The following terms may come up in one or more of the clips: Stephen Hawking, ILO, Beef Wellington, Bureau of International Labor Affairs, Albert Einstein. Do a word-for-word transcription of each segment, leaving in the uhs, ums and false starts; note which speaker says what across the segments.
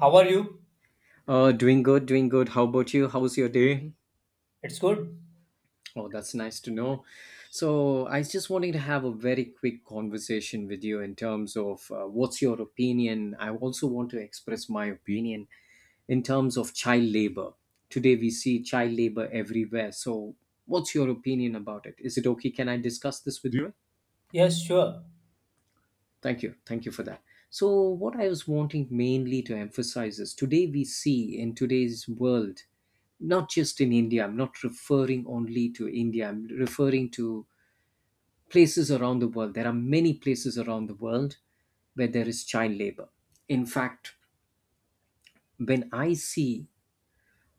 Speaker 1: How are you?
Speaker 2: Uh, doing good, doing good. How about you? How's your day?
Speaker 1: It's good.
Speaker 2: Oh, that's nice to know. So, I was just wanting to have a very quick conversation with you in terms of uh, what's your opinion. I also want to express my opinion in terms of child labor. Today, we see child labor everywhere. So, what's your opinion about it? Is it okay? Can I discuss this with you?
Speaker 1: Yes, sure.
Speaker 2: Thank you. Thank you for that. So, what I was wanting mainly to emphasize is today we see in today's world, not just in India, I'm not referring only to India, I'm referring to places around the world. There are many places around the world where there is child labor. In fact, when I see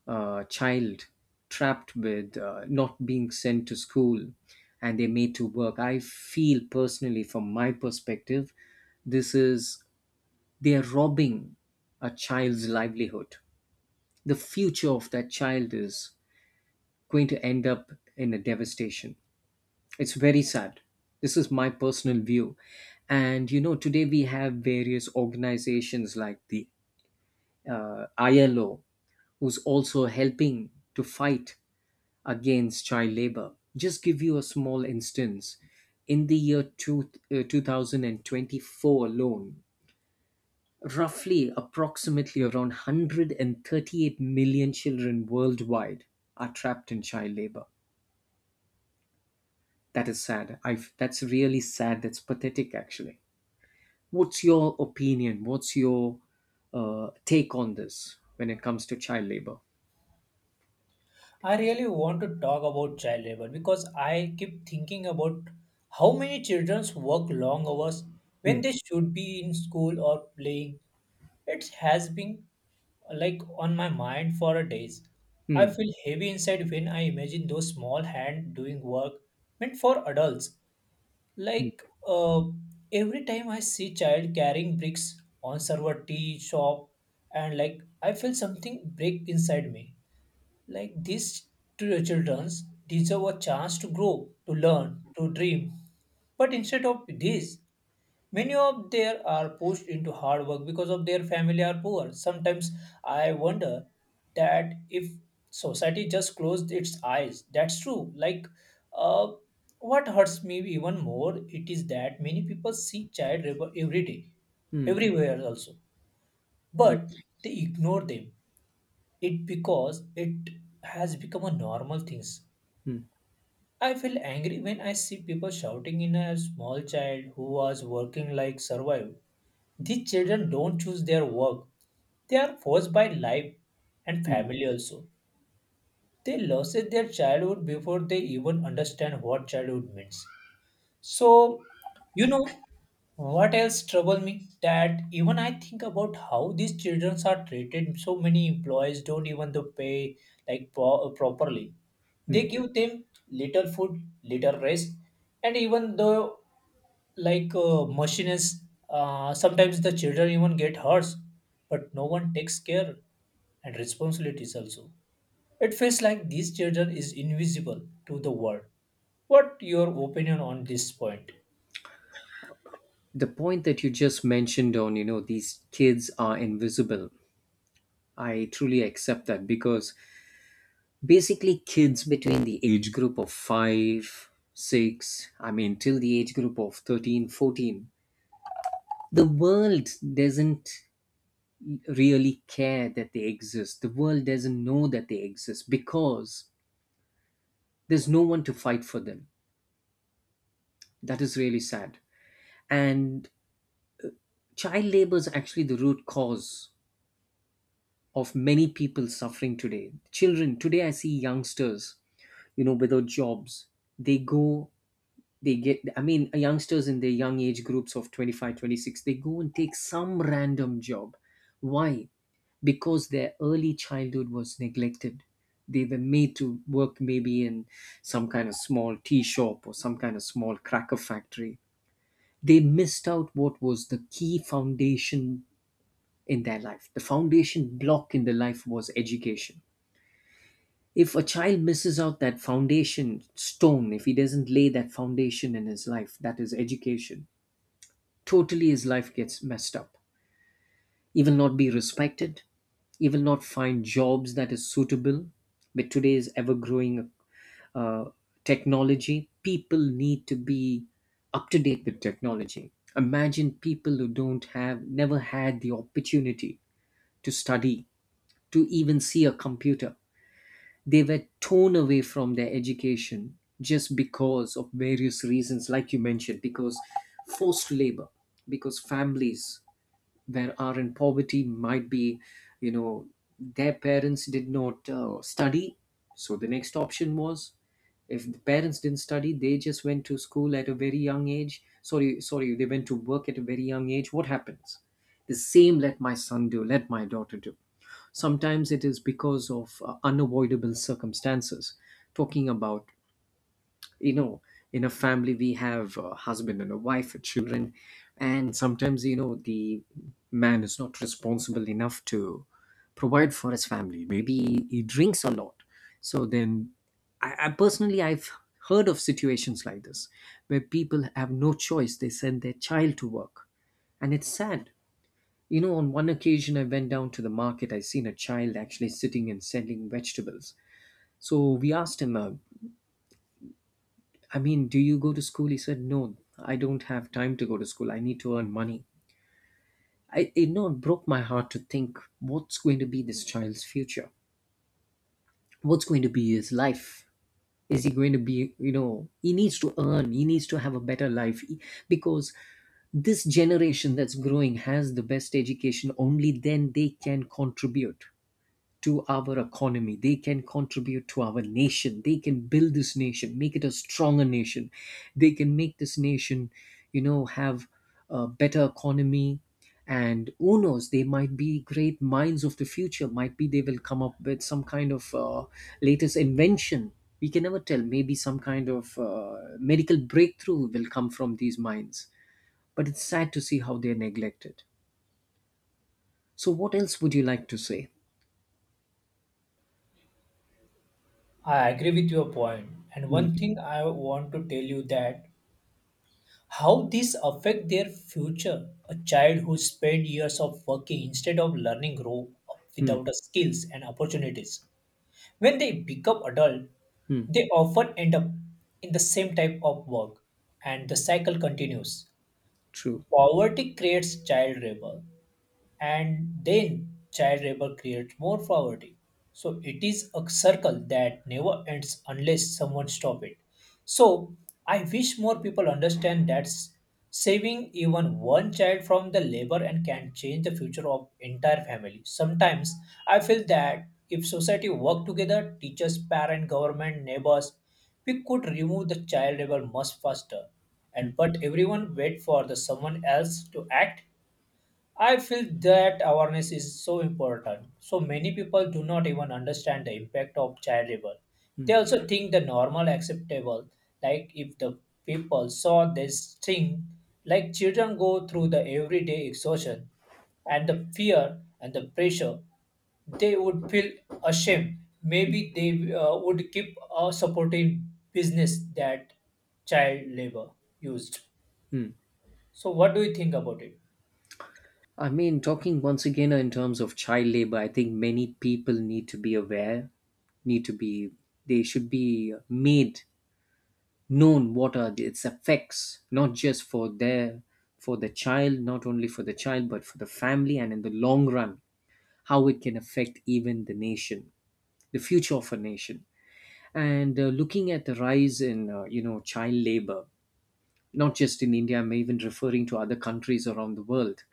Speaker 2: a child trapped with uh, not being sent to school and they're made to work, I feel personally, from my perspective, this is They're robbing a child's livelihood. The future of that child is going to end up in a devastation. It's very sad. This is my personal view. And you know, today we have various organizations like the uh, I L O, who's also helping to fight against child labor. Just give you a small instance. In the year two, uh, two thousand twenty-four alone, roughly approximately around one hundred and thirty-eight million children worldwide are trapped in child labor. That is sad. I That's really sad. That's pathetic actually. What's your opinion? What's your uh, take on this when it comes to child labor?
Speaker 1: I really want to talk about child labor because I keep thinking about how many children work long hours
Speaker 2: Hmm.
Speaker 1: when they should be in school or playing. It has been like on my mind for days. I
Speaker 2: Hmm.
Speaker 1: feel heavy inside when I imagine those small hands doing work meant for adults.
Speaker 2: Hmm.
Speaker 1: Like uh, every time I see child carrying bricks on server tea shop, and like I feel something break inside me. Like these two children deserve a chance to grow, to learn, to dream. But instead of this, many of them are pushed into hard work because of their family are poor. Sometimes I wonder that if society just closed its eyes, that's true. Like, uh, what hurts me even more, it is that many people see child labor every day,
Speaker 2: Hmm.
Speaker 1: everywhere also, but
Speaker 2: Yes.
Speaker 1: they ignore them. It because it has become a normal things.
Speaker 2: Hmm.
Speaker 1: I feel angry when I see people shouting in a small child who was working like survive, these children don't choose their work. They are forced by life and
Speaker 2: Hmm.
Speaker 1: family also. They lose their childhood before they even understand what childhood means. So, you know what else trouble me? That even I think about how these children are treated. So many employees don't even to pay like pro- uh, properly.
Speaker 2: Hmm.
Speaker 1: They give them little food, little rest, and even though like uh, machines, uh, sometimes the children even get hurt, but no one takes care and responsibilities also. It feels like these children is invisible to the world. What your opinion on this point?
Speaker 2: The point that you just mentioned on, you know, these kids are invisible. I truly accept that because basically kids between the age group of 5 6, I mean, till the age group of thirteen, fourteen, the world doesn't really care that they exist. The world doesn't know that they exist because there's no one to fight for them. That is really sad. And child labor is actually the root cause of many people suffering today. Children today, I see youngsters, you know without jobs. They go they get i mean, youngsters in their young age groups of twenty five, twenty six, they go and take some random job. Why? Because their early childhood was neglected. They were made to work maybe in some kind of small tea shop or some kind of small cracker factory. They missed out what was the key foundation in their life. The foundation block in their life was education. If a child misses out that foundation stone, if he doesn't lay that foundation in his life, that is education, totally his life gets messed up. He will not be respected. He will not find jobs that is suitable. With today's ever-growing uh, technology, people need to be up to date with technology. Imagine people who don't have, never had the opportunity to study, to even see a computer. They were torn away from their education just because of various reasons, like you mentioned, because forced labor, because families that are in poverty might be, you know their parents did not uh, study. So the next option was, if the parents didn't study, they just went to school at a very young age, sorry sorry they went to work at a very young age. What happens? The same. Let my son do, let my daughter do. Sometimes it is because of uh, unavoidable circumstances. Talking about, you know in a family we have a husband and a wife and children, and sometimes, you know the man is not responsible enough to provide for his family. Maybe he drinks a lot. So then i, I personally I've heard of situations like this where people have no choice, they send their child to work. And it's sad. You know on one occasion I went down to the market, I seen a child actually sitting and selling vegetables. So we asked him, uh, I mean, do you go to school? He said, no, I don't have time to go to school. I need to earn money. I, it, no, it broke my heart to think, what's going to be this child's future? What's going to be his life? Is he going to be, you know, he needs to earn, he needs to have a better life He- Because this generation that's growing has the best education. Only then they can contribute to our economy. They can contribute to our nation. They can build this nation, make it a stronger nation. They can make this nation, you know, have a better economy. And who knows, they might be great minds of the future. Might be they will come up with some kind of uh, latest invention. We can never tell. Maybe some kind of uh, medical breakthrough will come from these minds. But it's sad to see how they're neglected. So, what else would you like to say?
Speaker 1: I agree with your point. And
Speaker 2: Hmm.
Speaker 1: one thing I want to tell you that how this affect their future. A child who spend years of working instead of learning grow up
Speaker 2: Hmm.
Speaker 1: without the skills and opportunities. When they become adult,
Speaker 2: Hmm.
Speaker 1: they often end up in the same type of work and the cycle continues.
Speaker 2: True.
Speaker 1: Poverty creates child labor and then child labor creates more poverty. So it is a circle that never ends unless someone stop it. So I wish more people understand that s- saving even one child from the labor and can change the future of entire family. Sometimes I feel that if society work together, teachers, parent, government, neighbors, we could remove the child labor much faster. And but everyone wait for the someone else to act. I feel that awareness is so important. So many people do not even understand the impact of child labor. They also think the normal acceptable, like if the people saw this thing, like children go through the everyday exhaustion and the fear and the pressure, they would feel ashamed. Maybe they uh, would keep uh, supporting business that child labor used.
Speaker 2: Hmm.
Speaker 1: So what do you think about it?
Speaker 2: I mean, talking once again in terms of child labor, I think many people need to be aware, need to be, they should be made known what are its effects, not just for their, for the child, not only for the child, but for the family, and in the long run, how it can affect even the nation, the future of a nation. And uh, looking at the rise in, uh, you know, child labor, not just in India, I'm even referring to other countries around the world.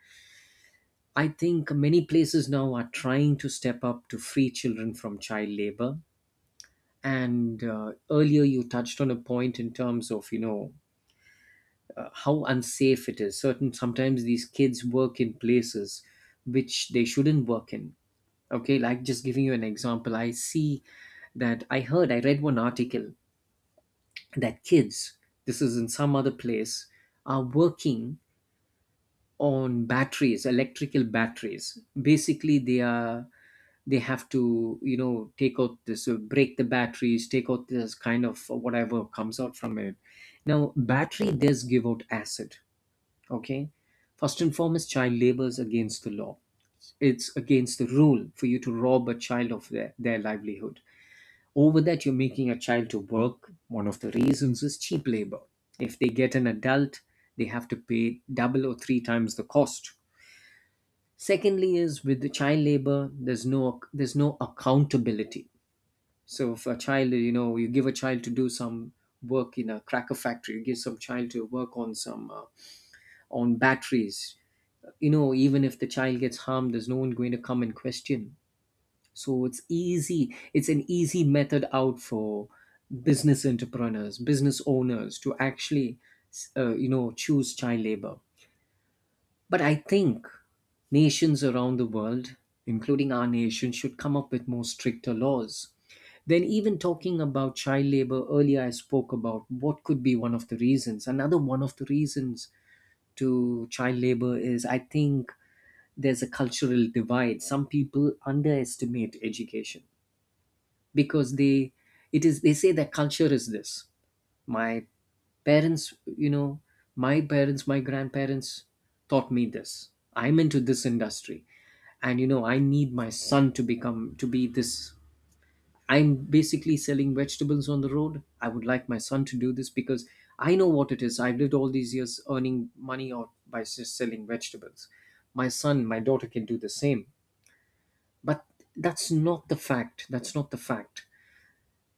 Speaker 2: I think many places now are trying to step up to free children from child labor. And uh, earlier you touched on a point in terms of, you know, uh, how unsafe it is. Certain sometimes these kids work in places which they shouldn't work in. Okay, like just giving you an example, I see that I heard, I read one article that kids, this is in some other place, are working on batteries, electrical batteries. Basically, they are they have to you know take out this, uh, break the batteries, take out this kind of whatever comes out from it. Now battery does give out acid. Okay. First and foremost, child labor is against the law. It's against the rule for you to rob a child of their, their livelihood. Over that, you're making a child to work. One of the reasons is cheap labor. If they get an adult, they have to pay double or three times the cost. Secondly, is with the child labor, there's no there's no accountability. So if a child, you know, you give a child to do some work in a cracker factory, you give some child to work on some uh, on batteries. You know, even if the child gets harmed, there's no one going to come and question. So it's easy. It's an easy method out for business entrepreneurs, business owners to actually, uh, you know, choose child labor. But I think nations around the world, including our nation, should come up with more stricter laws. Then, even talking about child labor, earlier I spoke about what could be one of the reasons. Another one of the reasons to child labor is, I think, there's a cultural divide. Some people underestimate education because they it is they say that culture is this. My parents, you know my parents my grandparents taught me this. I'm into this industry. And you know I need my son to become to be this. I'm basically selling vegetables on the road. I would like my son to do this because I know what it is. I've lived all these years earning money out by just selling vegetables. My son, my daughter can do the same. But that's not the fact, that's not the fact.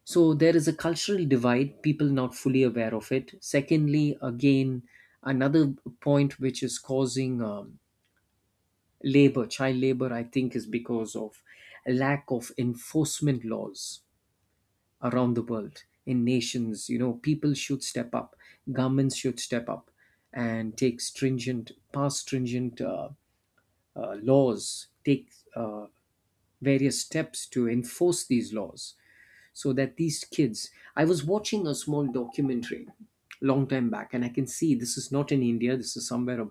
Speaker 2: So there is a cultural divide, people not fully aware of it. Secondly, again, another point which is causing um, labor, child labor, I think, is because of lack of enforcement laws around the world in nations. You know, people should step up, governments should step up and take stringent, pass stringent uh, uh, laws, take uh, various steps to enforce these laws so that these kids. I was watching a small documentary long time back, and I can see this is not in India. This is somewhere,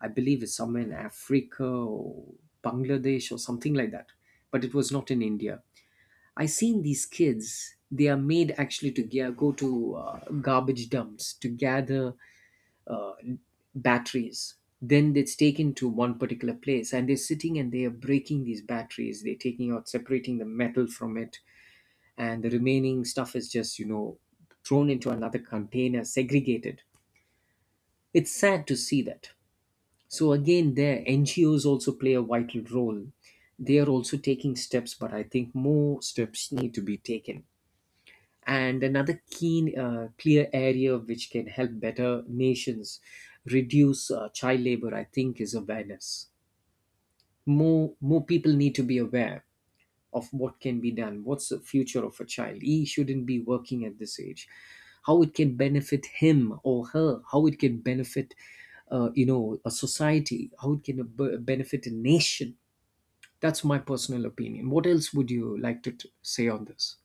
Speaker 2: I believe it's somewhere in Africa or Bangladesh or something like that, but it was not in India. I seen these kids. They are made actually to ga- go to uh, garbage dumps to gather batteries. Then it's taken to one particular place, and they're sitting and they are breaking these batteries. They're taking out, separating the metal from it, and the remaining stuff is just you know thrown into another container, segregated. It's sad to see that. So again, there NGOs also play a vital role. They are also taking steps, but I think more steps need to be taken. And another keen, uh, clear area which can help better nations reduce uh, child labor, I think, is awareness. More more people need to be aware of what can be done, what's the future of a child, he shouldn't be working at this age, how it can benefit him or her, how it can benefit uh, you know a society, how it can b- benefit a nation. That's my personal opinion. What else would you like to t- say on this?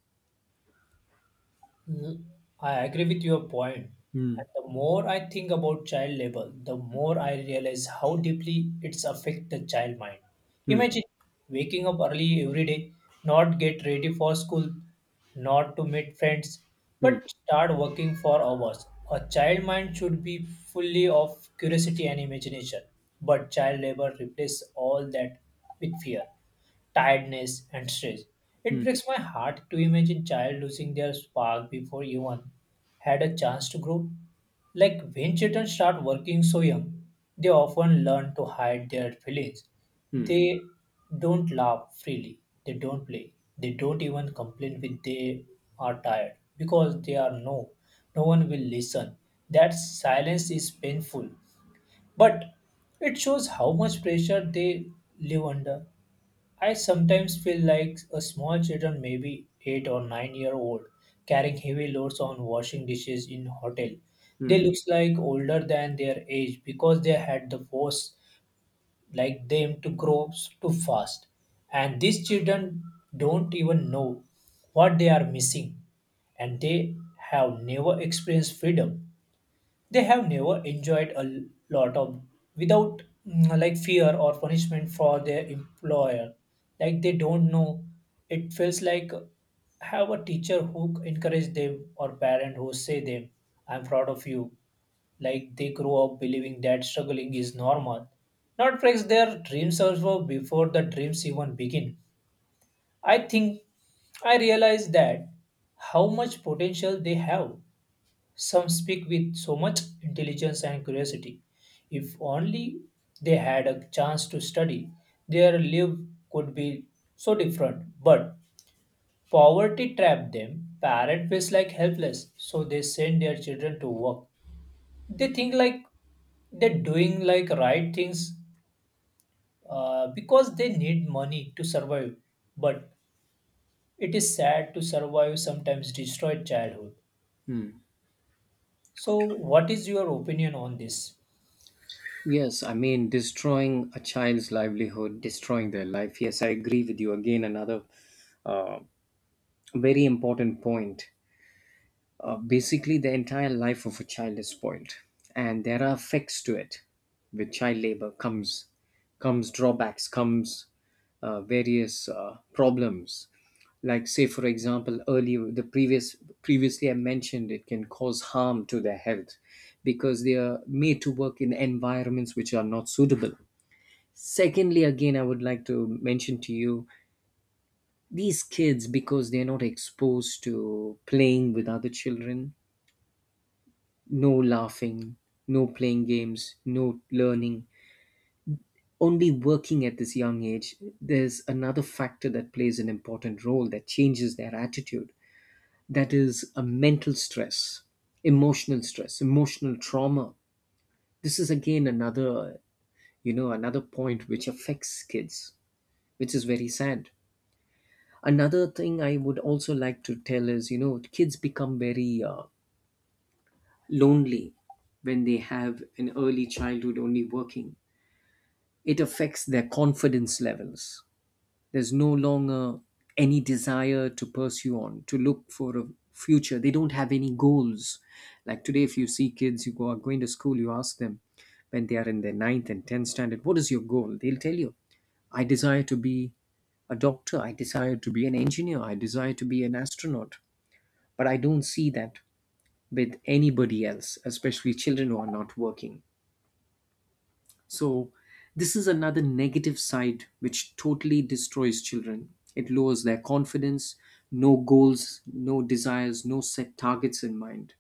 Speaker 1: Mm, I agree with your point.
Speaker 2: Hmm.
Speaker 1: And the more I think about child labor, the more I realize how deeply it's affect the child mind.
Speaker 2: Hmm.
Speaker 1: Imagine waking up early every day, not get ready for school, not to meet friends,
Speaker 2: Hmm.
Speaker 1: but start working for hours. A child mind should be fully of curiosity and imagination, but child labor replaces all that with fear, tiredness, and stress. It
Speaker 2: Hmm.
Speaker 1: breaks my heart to imagine child losing their spark before even had a chance to grow. Like when children start working so young, they often learn to hide their feelings.
Speaker 2: Hmm.
Speaker 1: They don't laugh freely, they don't play, they don't even complain when they are tired because they are no, no one will listen. That silence is painful, but it shows how much pressure they live under. I sometimes feel like a small children, maybe eight or nine year old, carrying heavy loads on washing dishes in hotel. They
Speaker 2: Hmm.
Speaker 1: looks like older than their age because they had the force like them to grow too fast. And these children don't even know what they are missing, and they have never experienced freedom. They have never enjoyed a l- lot of without mm, like fear or punishment for their employer. Like they don't know, it feels like have a teacher who encourage them or parent who say them I'm proud of you. Like they grow up believing that struggling is normal, not breaks their dreams also before the dreams even begin. I think I realize that how much potential they have. Some speak with so much intelligence and curiosity. If only they had a chance to study, their life could be so different. But poverty trapped them. Parents feel like helpless, so they send their children to work. They think like they're doing like right things uh, because they need money to survive. But it is sad to survive sometimes destroyed childhood. So, what is your opinion on this?
Speaker 2: Yes, I mean, destroying a child's livelihood, destroying their life. Yes, I agree with you. Again, another uh, very important point. Uh, basically, the entire life of a child is spoiled, and there are effects to it. With child labor comes comes drawbacks, comes uh, various uh, problems. Like say, for example, earlier the previous previously I mentioned it can cause harm to their health because they are made to work in environments which are not suitable. Secondly, again, I would like to mention to you these kids because they're not exposed to playing with other children, no laughing, no playing games, no learning, only working at this young age. There's another factor that plays an important role that changes their attitude, that is a mental stress, emotional stress, emotional trauma. This is again another, you know, another point which affects kids, which is very sad. Another thing I would also like to tell is, you know, kids become very uh, lonely when they have an early childhood only working. It affects their confidence levels. There's no longer any desire to pursue on, to look for a future. They don't have any goals. Like today, if you see kids who go, are going to school, you ask them when they are in their ninth and tenth standard, what is your goal? They'll tell you, I desire to be a doctor, I desire to be an engineer, I desire to be an astronaut. But I don't see that with anybody else, especially children who are not working. So, this is another negative side which totally destroys children. It lowers their confidence, no goals, no desires, no set targets in mind.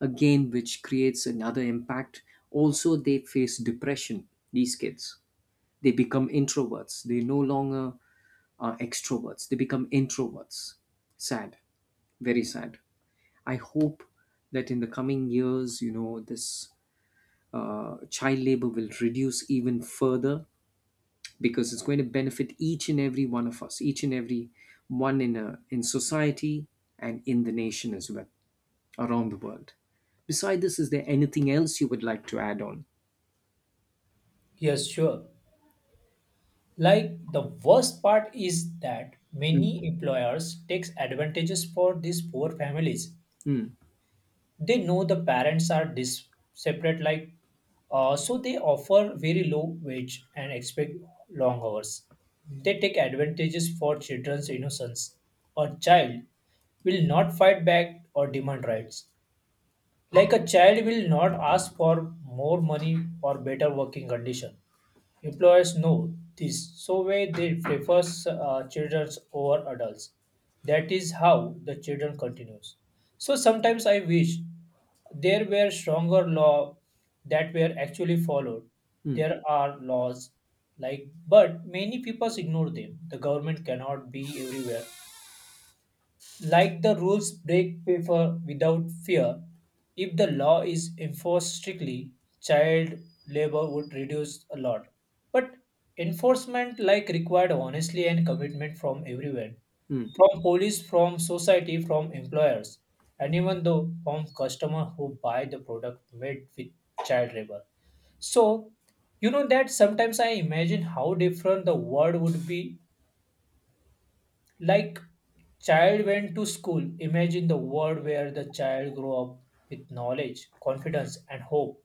Speaker 2: Again, which creates another impact. Also, they face depression, these kids. They become introverts. They no longer are extroverts. They become introverts. Sad, very sad. I hope that in the coming years, you know, this uh, child labor will reduce even further because it's going to benefit each and every one of us, each and every one in a, in society and in the nation as well, around the world. Beside this, is there anything else you would like to add on?
Speaker 1: Yes, sure. Like the worst part is that
Speaker 2: Mm,
Speaker 1: many employers takes advantages for these poor families.
Speaker 2: mm,
Speaker 1: They know the parents are dis- separate, like, uh, so they offer very low wage and expect long hours. They take advantages for children's innocence. A child will not fight back or demand rights. Like a child will not ask for more money or better working condition. Employers know this, so when they prefer uh, children over adults, that is how the children continues. So sometimes I wish there were stronger law that were actually followed.
Speaker 2: mm.
Speaker 1: There are laws like, but many people ignore them. The government cannot be everywhere. Like the rules break paper without fear, if the law is enforced strictly, child labor would reduce a lot. But enforcement like required honestly and commitment from everyone,
Speaker 2: Mm.
Speaker 1: from police, from society, from employers, and even though from customer who buy the product made with child labor. So you know that sometimes I imagine how different the world would be like child went to school. Imagine the world where the child grew up with knowledge, confidence, and hope.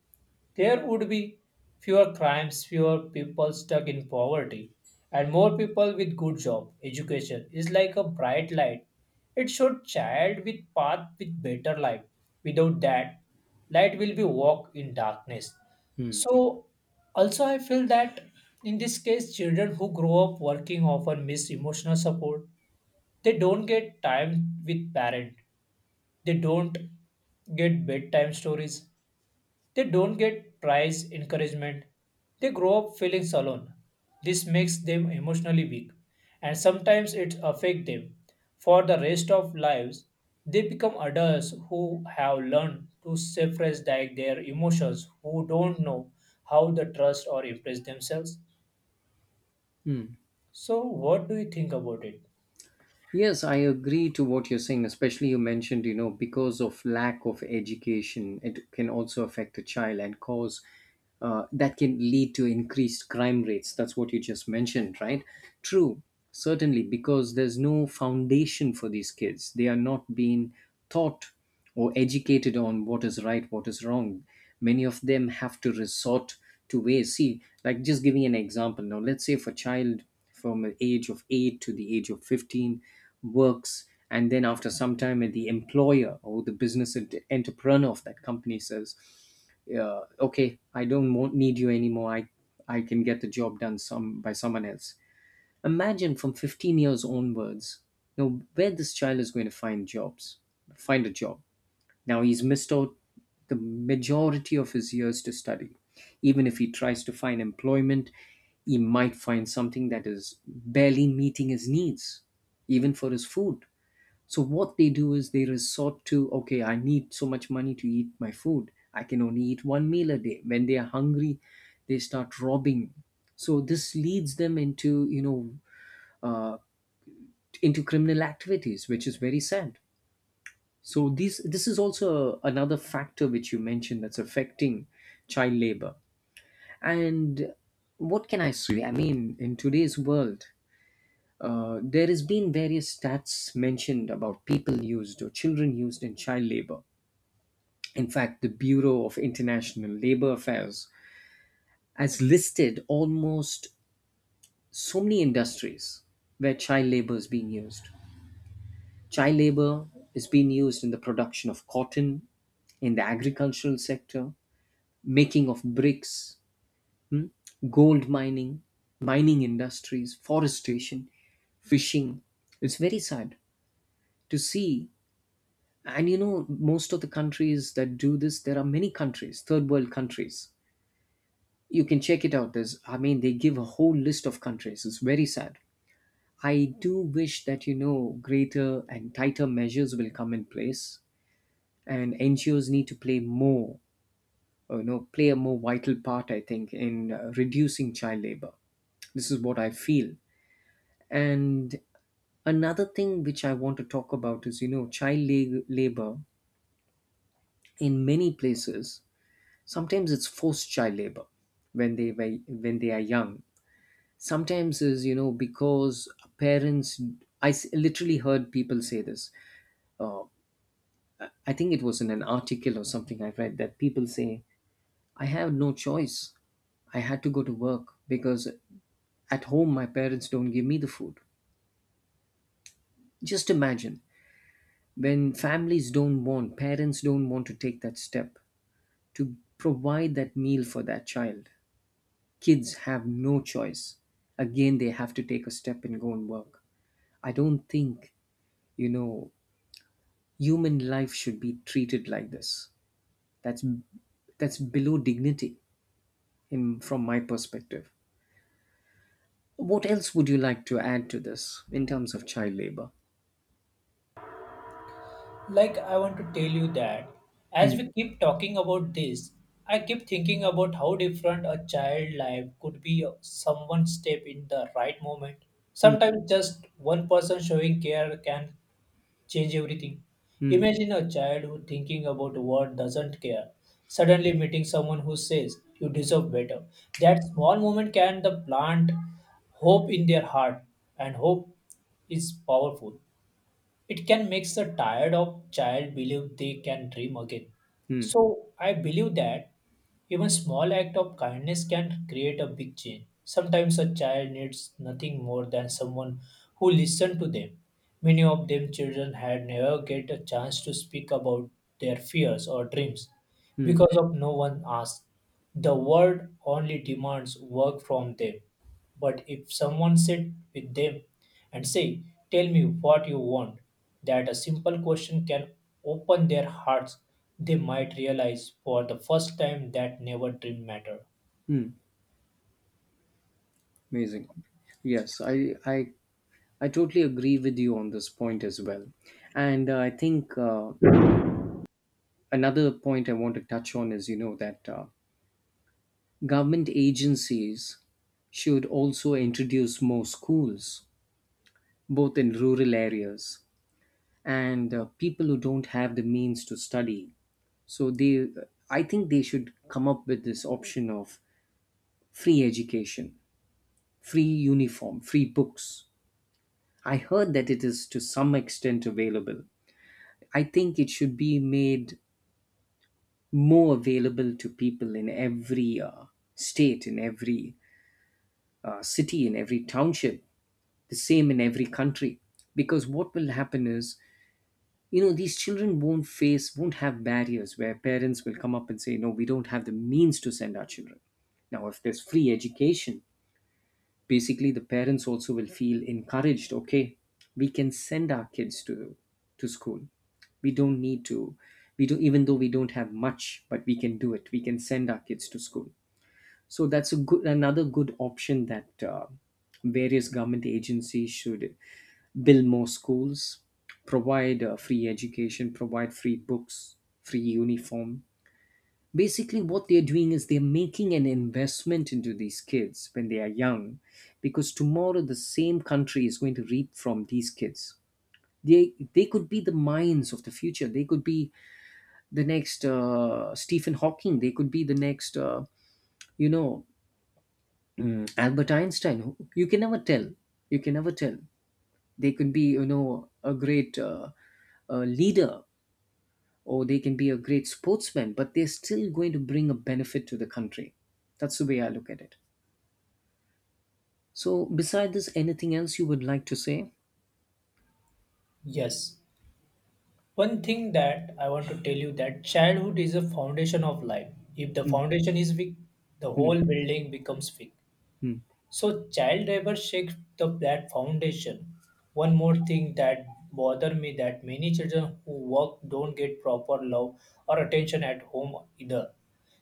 Speaker 1: There would be fewer crimes, fewer people stuck in poverty, and more people with good job. Education is like a bright light. It showed child with path with better life. Without that, light will be walk in darkness. So, also, I feel that in this case, children who grow up working often miss emotional support. They don't get time with parent. They don't get bedtime stories. They don't get prize encouragement. They grow up feeling alone. This makes them emotionally weak, and sometimes it affects them for the rest of lives. They become adults who have learned to suppress their their emotions, who don't know how to trust or impress themselves. So, what do you think about it?
Speaker 2: Yes, I agree to what you're saying, especially you mentioned, you know, because of lack of education, it can also affect a child and cause uh, that can lead to increased crime rates. That's what you just mentioned, right? True, certainly, because there's no foundation for these kids. They are not being taught or educated on what is right, what is wrong. Many of them have to resort to ways. See, like just giving an example now, let's say if a child from the age of eight to the age of fifteen works, and then after some time, the employer or the business ent- entrepreneur of that company says, uh, okay, I don't want, need you anymore. I, I can get the job done some by someone else. Imagine from fifteen years onwards, you know, where this child is going to find jobs, find a job, now he's missed out the majority of his years to study. Even if he tries to find employment, he might find something that is barely meeting his needs, even for his food. So, what they do is they resort to, okay, I need so much money to eat my food. I can only eat one meal a day. When they are hungry, they start robbing. So, this leads them into, you know, uh, into criminal activities, which is very sad. So this this is also another factor which you mentioned that's affecting child labor. And what can I say? I mean, in today's world, uh, there has been various stats mentioned about people used or children used in child labor. In fact, the Bureau of International Labor Affairs has listed almost so many industries where child labor is being used. Child labor is being used in the production of cotton, in the agricultural sector, making of bricks, hmm, gold mining, mining industries, forestation, fishing. It's very sad to see. And you know, most of the countries that do this, there are many countries, third world countries. You can check it out. There's, I mean, they give a whole list of countries. It's very sad. I do wish that, you know, greater and tighter measures will come in place and N G Os need to play more uh, you know play a more vital part, I think, in uh, reducing child labor. This is what I feel. And another thing which I want to talk about is you know child la- labor in many places, sometimes it's forced child labor when they were, when they are young. Sometimes is you know because parents. I s- literally heard people say this, uh, I think it was in an article or something I read that people say, I have no choice. I had to go to work because at home, my parents don't give me the food. Just imagine when families don't want, parents don't want to take that step to provide that meal for that child. Kids have no choice. Again, they have to take a step and go and work. I don't think, you know, human life should be treated like this. That's that's below dignity in from my perspective. What else would you like to add to this in terms of child labor?
Speaker 1: Like, I want to tell you that
Speaker 2: Hmm.
Speaker 1: as we keep talking about this, I keep thinking about how different a child life could be someone step in the right moment.
Speaker 2: Hmm.
Speaker 1: Sometimes just one person showing care can change everything.
Speaker 2: Hmm.
Speaker 1: Imagine a child who thinking about what doesn't care, suddenly meeting someone who says you deserve better. That small moment can the plant hope in their heart, and hope is powerful. It can make the tired of child believe they can dream again.
Speaker 2: Hmm.
Speaker 1: So I believe that even small act of kindness can create a big change. Sometimes a child needs nothing more than someone who listens to them. Many of them children had never get a chance to speak about their fears or dreams
Speaker 2: Hmm.
Speaker 1: because of no one asks. The world only demands work from them. But if someone sit with them and say, tell me what you want, that a simple question can open their hearts, they might realize for the first time that never dream matter.
Speaker 2: Hmm. Amazing. Yes, I, I, I totally agree with you on this point as well. And uh, I think uh, another point I want to touch on is, you know, that uh, government agencies should also introduce more schools, both in rural areas and uh, people who don't have the means to study. So they, I think they should come up with this option of free education, free uniform, free books. I heard that it is to some extent available. I think it should be made more available to people in every uh, state, in every uh, city, in every township, the same in every country. Because what will happen is, you know, these children won't face, won't have barriers where parents will come up and say, no, we don't have the means to send our children. Now, if there's free education, basically, the parents also will feel encouraged. Okay, we can send our kids to to school. We don't need to. We do even though we don't have much, but we can do it. We can send our kids to school. So that's a good another good option that uh, various government agencies should build more schools, provide uh, free education, provide free books, free uniform, basically what they're doing is they're making an investment into these kids when they are young, because tomorrow the same country is going to reap from these kids. They they could be the minds of the future. They could be the next uh, Stephen Hawking. They could be the next uh, you know mm, Albert Einstein. You can never tell. You can never tell. They could be you know a great uh, uh, leader, or they can be a great sportsman, but they're still going to bring a benefit to the country. That's the way I look at it. So, beside this, anything else you would like to say?
Speaker 1: Yes. One thing that I want to tell you that childhood is a foundation of life. If the
Speaker 2: Mm,
Speaker 1: foundation is weak, the
Speaker 2: mm,
Speaker 1: whole building becomes weak.
Speaker 2: mm.
Speaker 1: So child labor shakes the that foundation. One more thing that bother me that many children who work don't get proper love or attention at home either.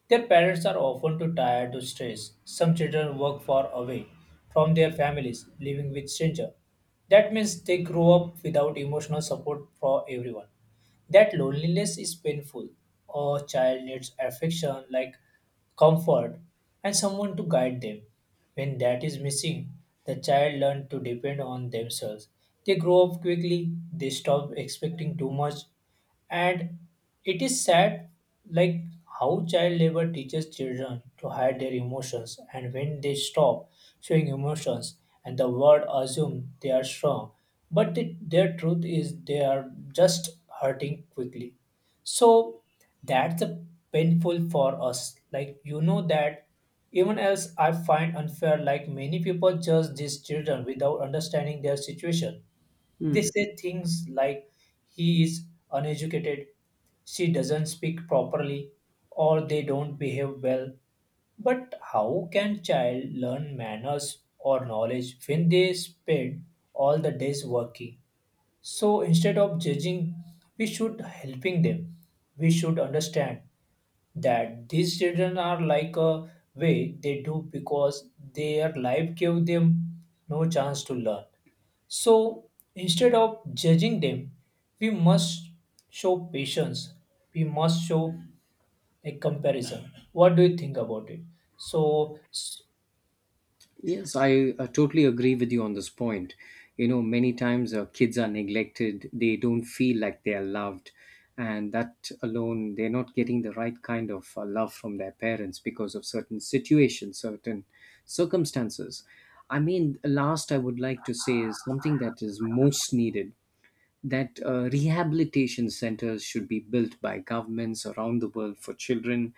Speaker 1: Their parents are often too tired to stress. Some children work far away from their families, living with stranger. That means they grow up without emotional support for everyone. That loneliness is painful. A child needs affection like comfort and someone to guide them. When that is missing, the child learns to depend on themselves. They grow up quickly, they stop expecting too much, and it is sad like how child labor teaches children to hide their emotions and when they stop showing emotions and the world assumes they are strong but the, their truth is they are just hurting quickly. So that's a painful for us, like you know that even else I find unfair, like many people judge these children without understanding their situation. They
Speaker 2: Hmm.
Speaker 1: say things like he is uneducated, she doesn't speak properly, or they don't behave well. But how can child learn manners or knowledge when they spend all the days working? So instead of judging, we should helping them. We should understand that these children are like a way they do because their life gave them no chance to learn. So instead of judging them, we must show patience. We must show a comparison. What do you think about it? So, s-
Speaker 2: Yes, I, uh totally agree with you on this point. You know, many times uh, kids are neglected, they don't feel like they are loved, and that alone, they're not getting the right kind of uh, love from their parents because of certain situations, certain circumstances. I mean, last I would like to say is something that is most needed that uh, rehabilitation centers should be built by governments around the world for children.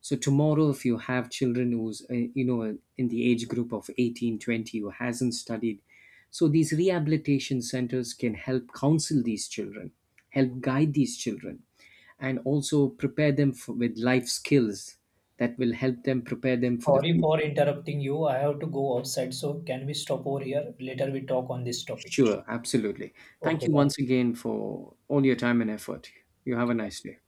Speaker 2: So tomorrow, if you have children who's uh, you know in the age group of eighteen, twenty who hasn't studied, so these rehabilitation centers can help counsel these children, help guide these children, and also prepare them for, with life skills that will help them prepare them for the
Speaker 1: Sorry
Speaker 2: future.
Speaker 1: for interrupting you. I have to go outside. So, can we stop over here? Later, we talk on this topic.
Speaker 2: Sure, absolutely. Thank
Speaker 1: Okay,
Speaker 2: you once
Speaker 1: bye.
Speaker 2: again for all your time and effort. You have a nice day.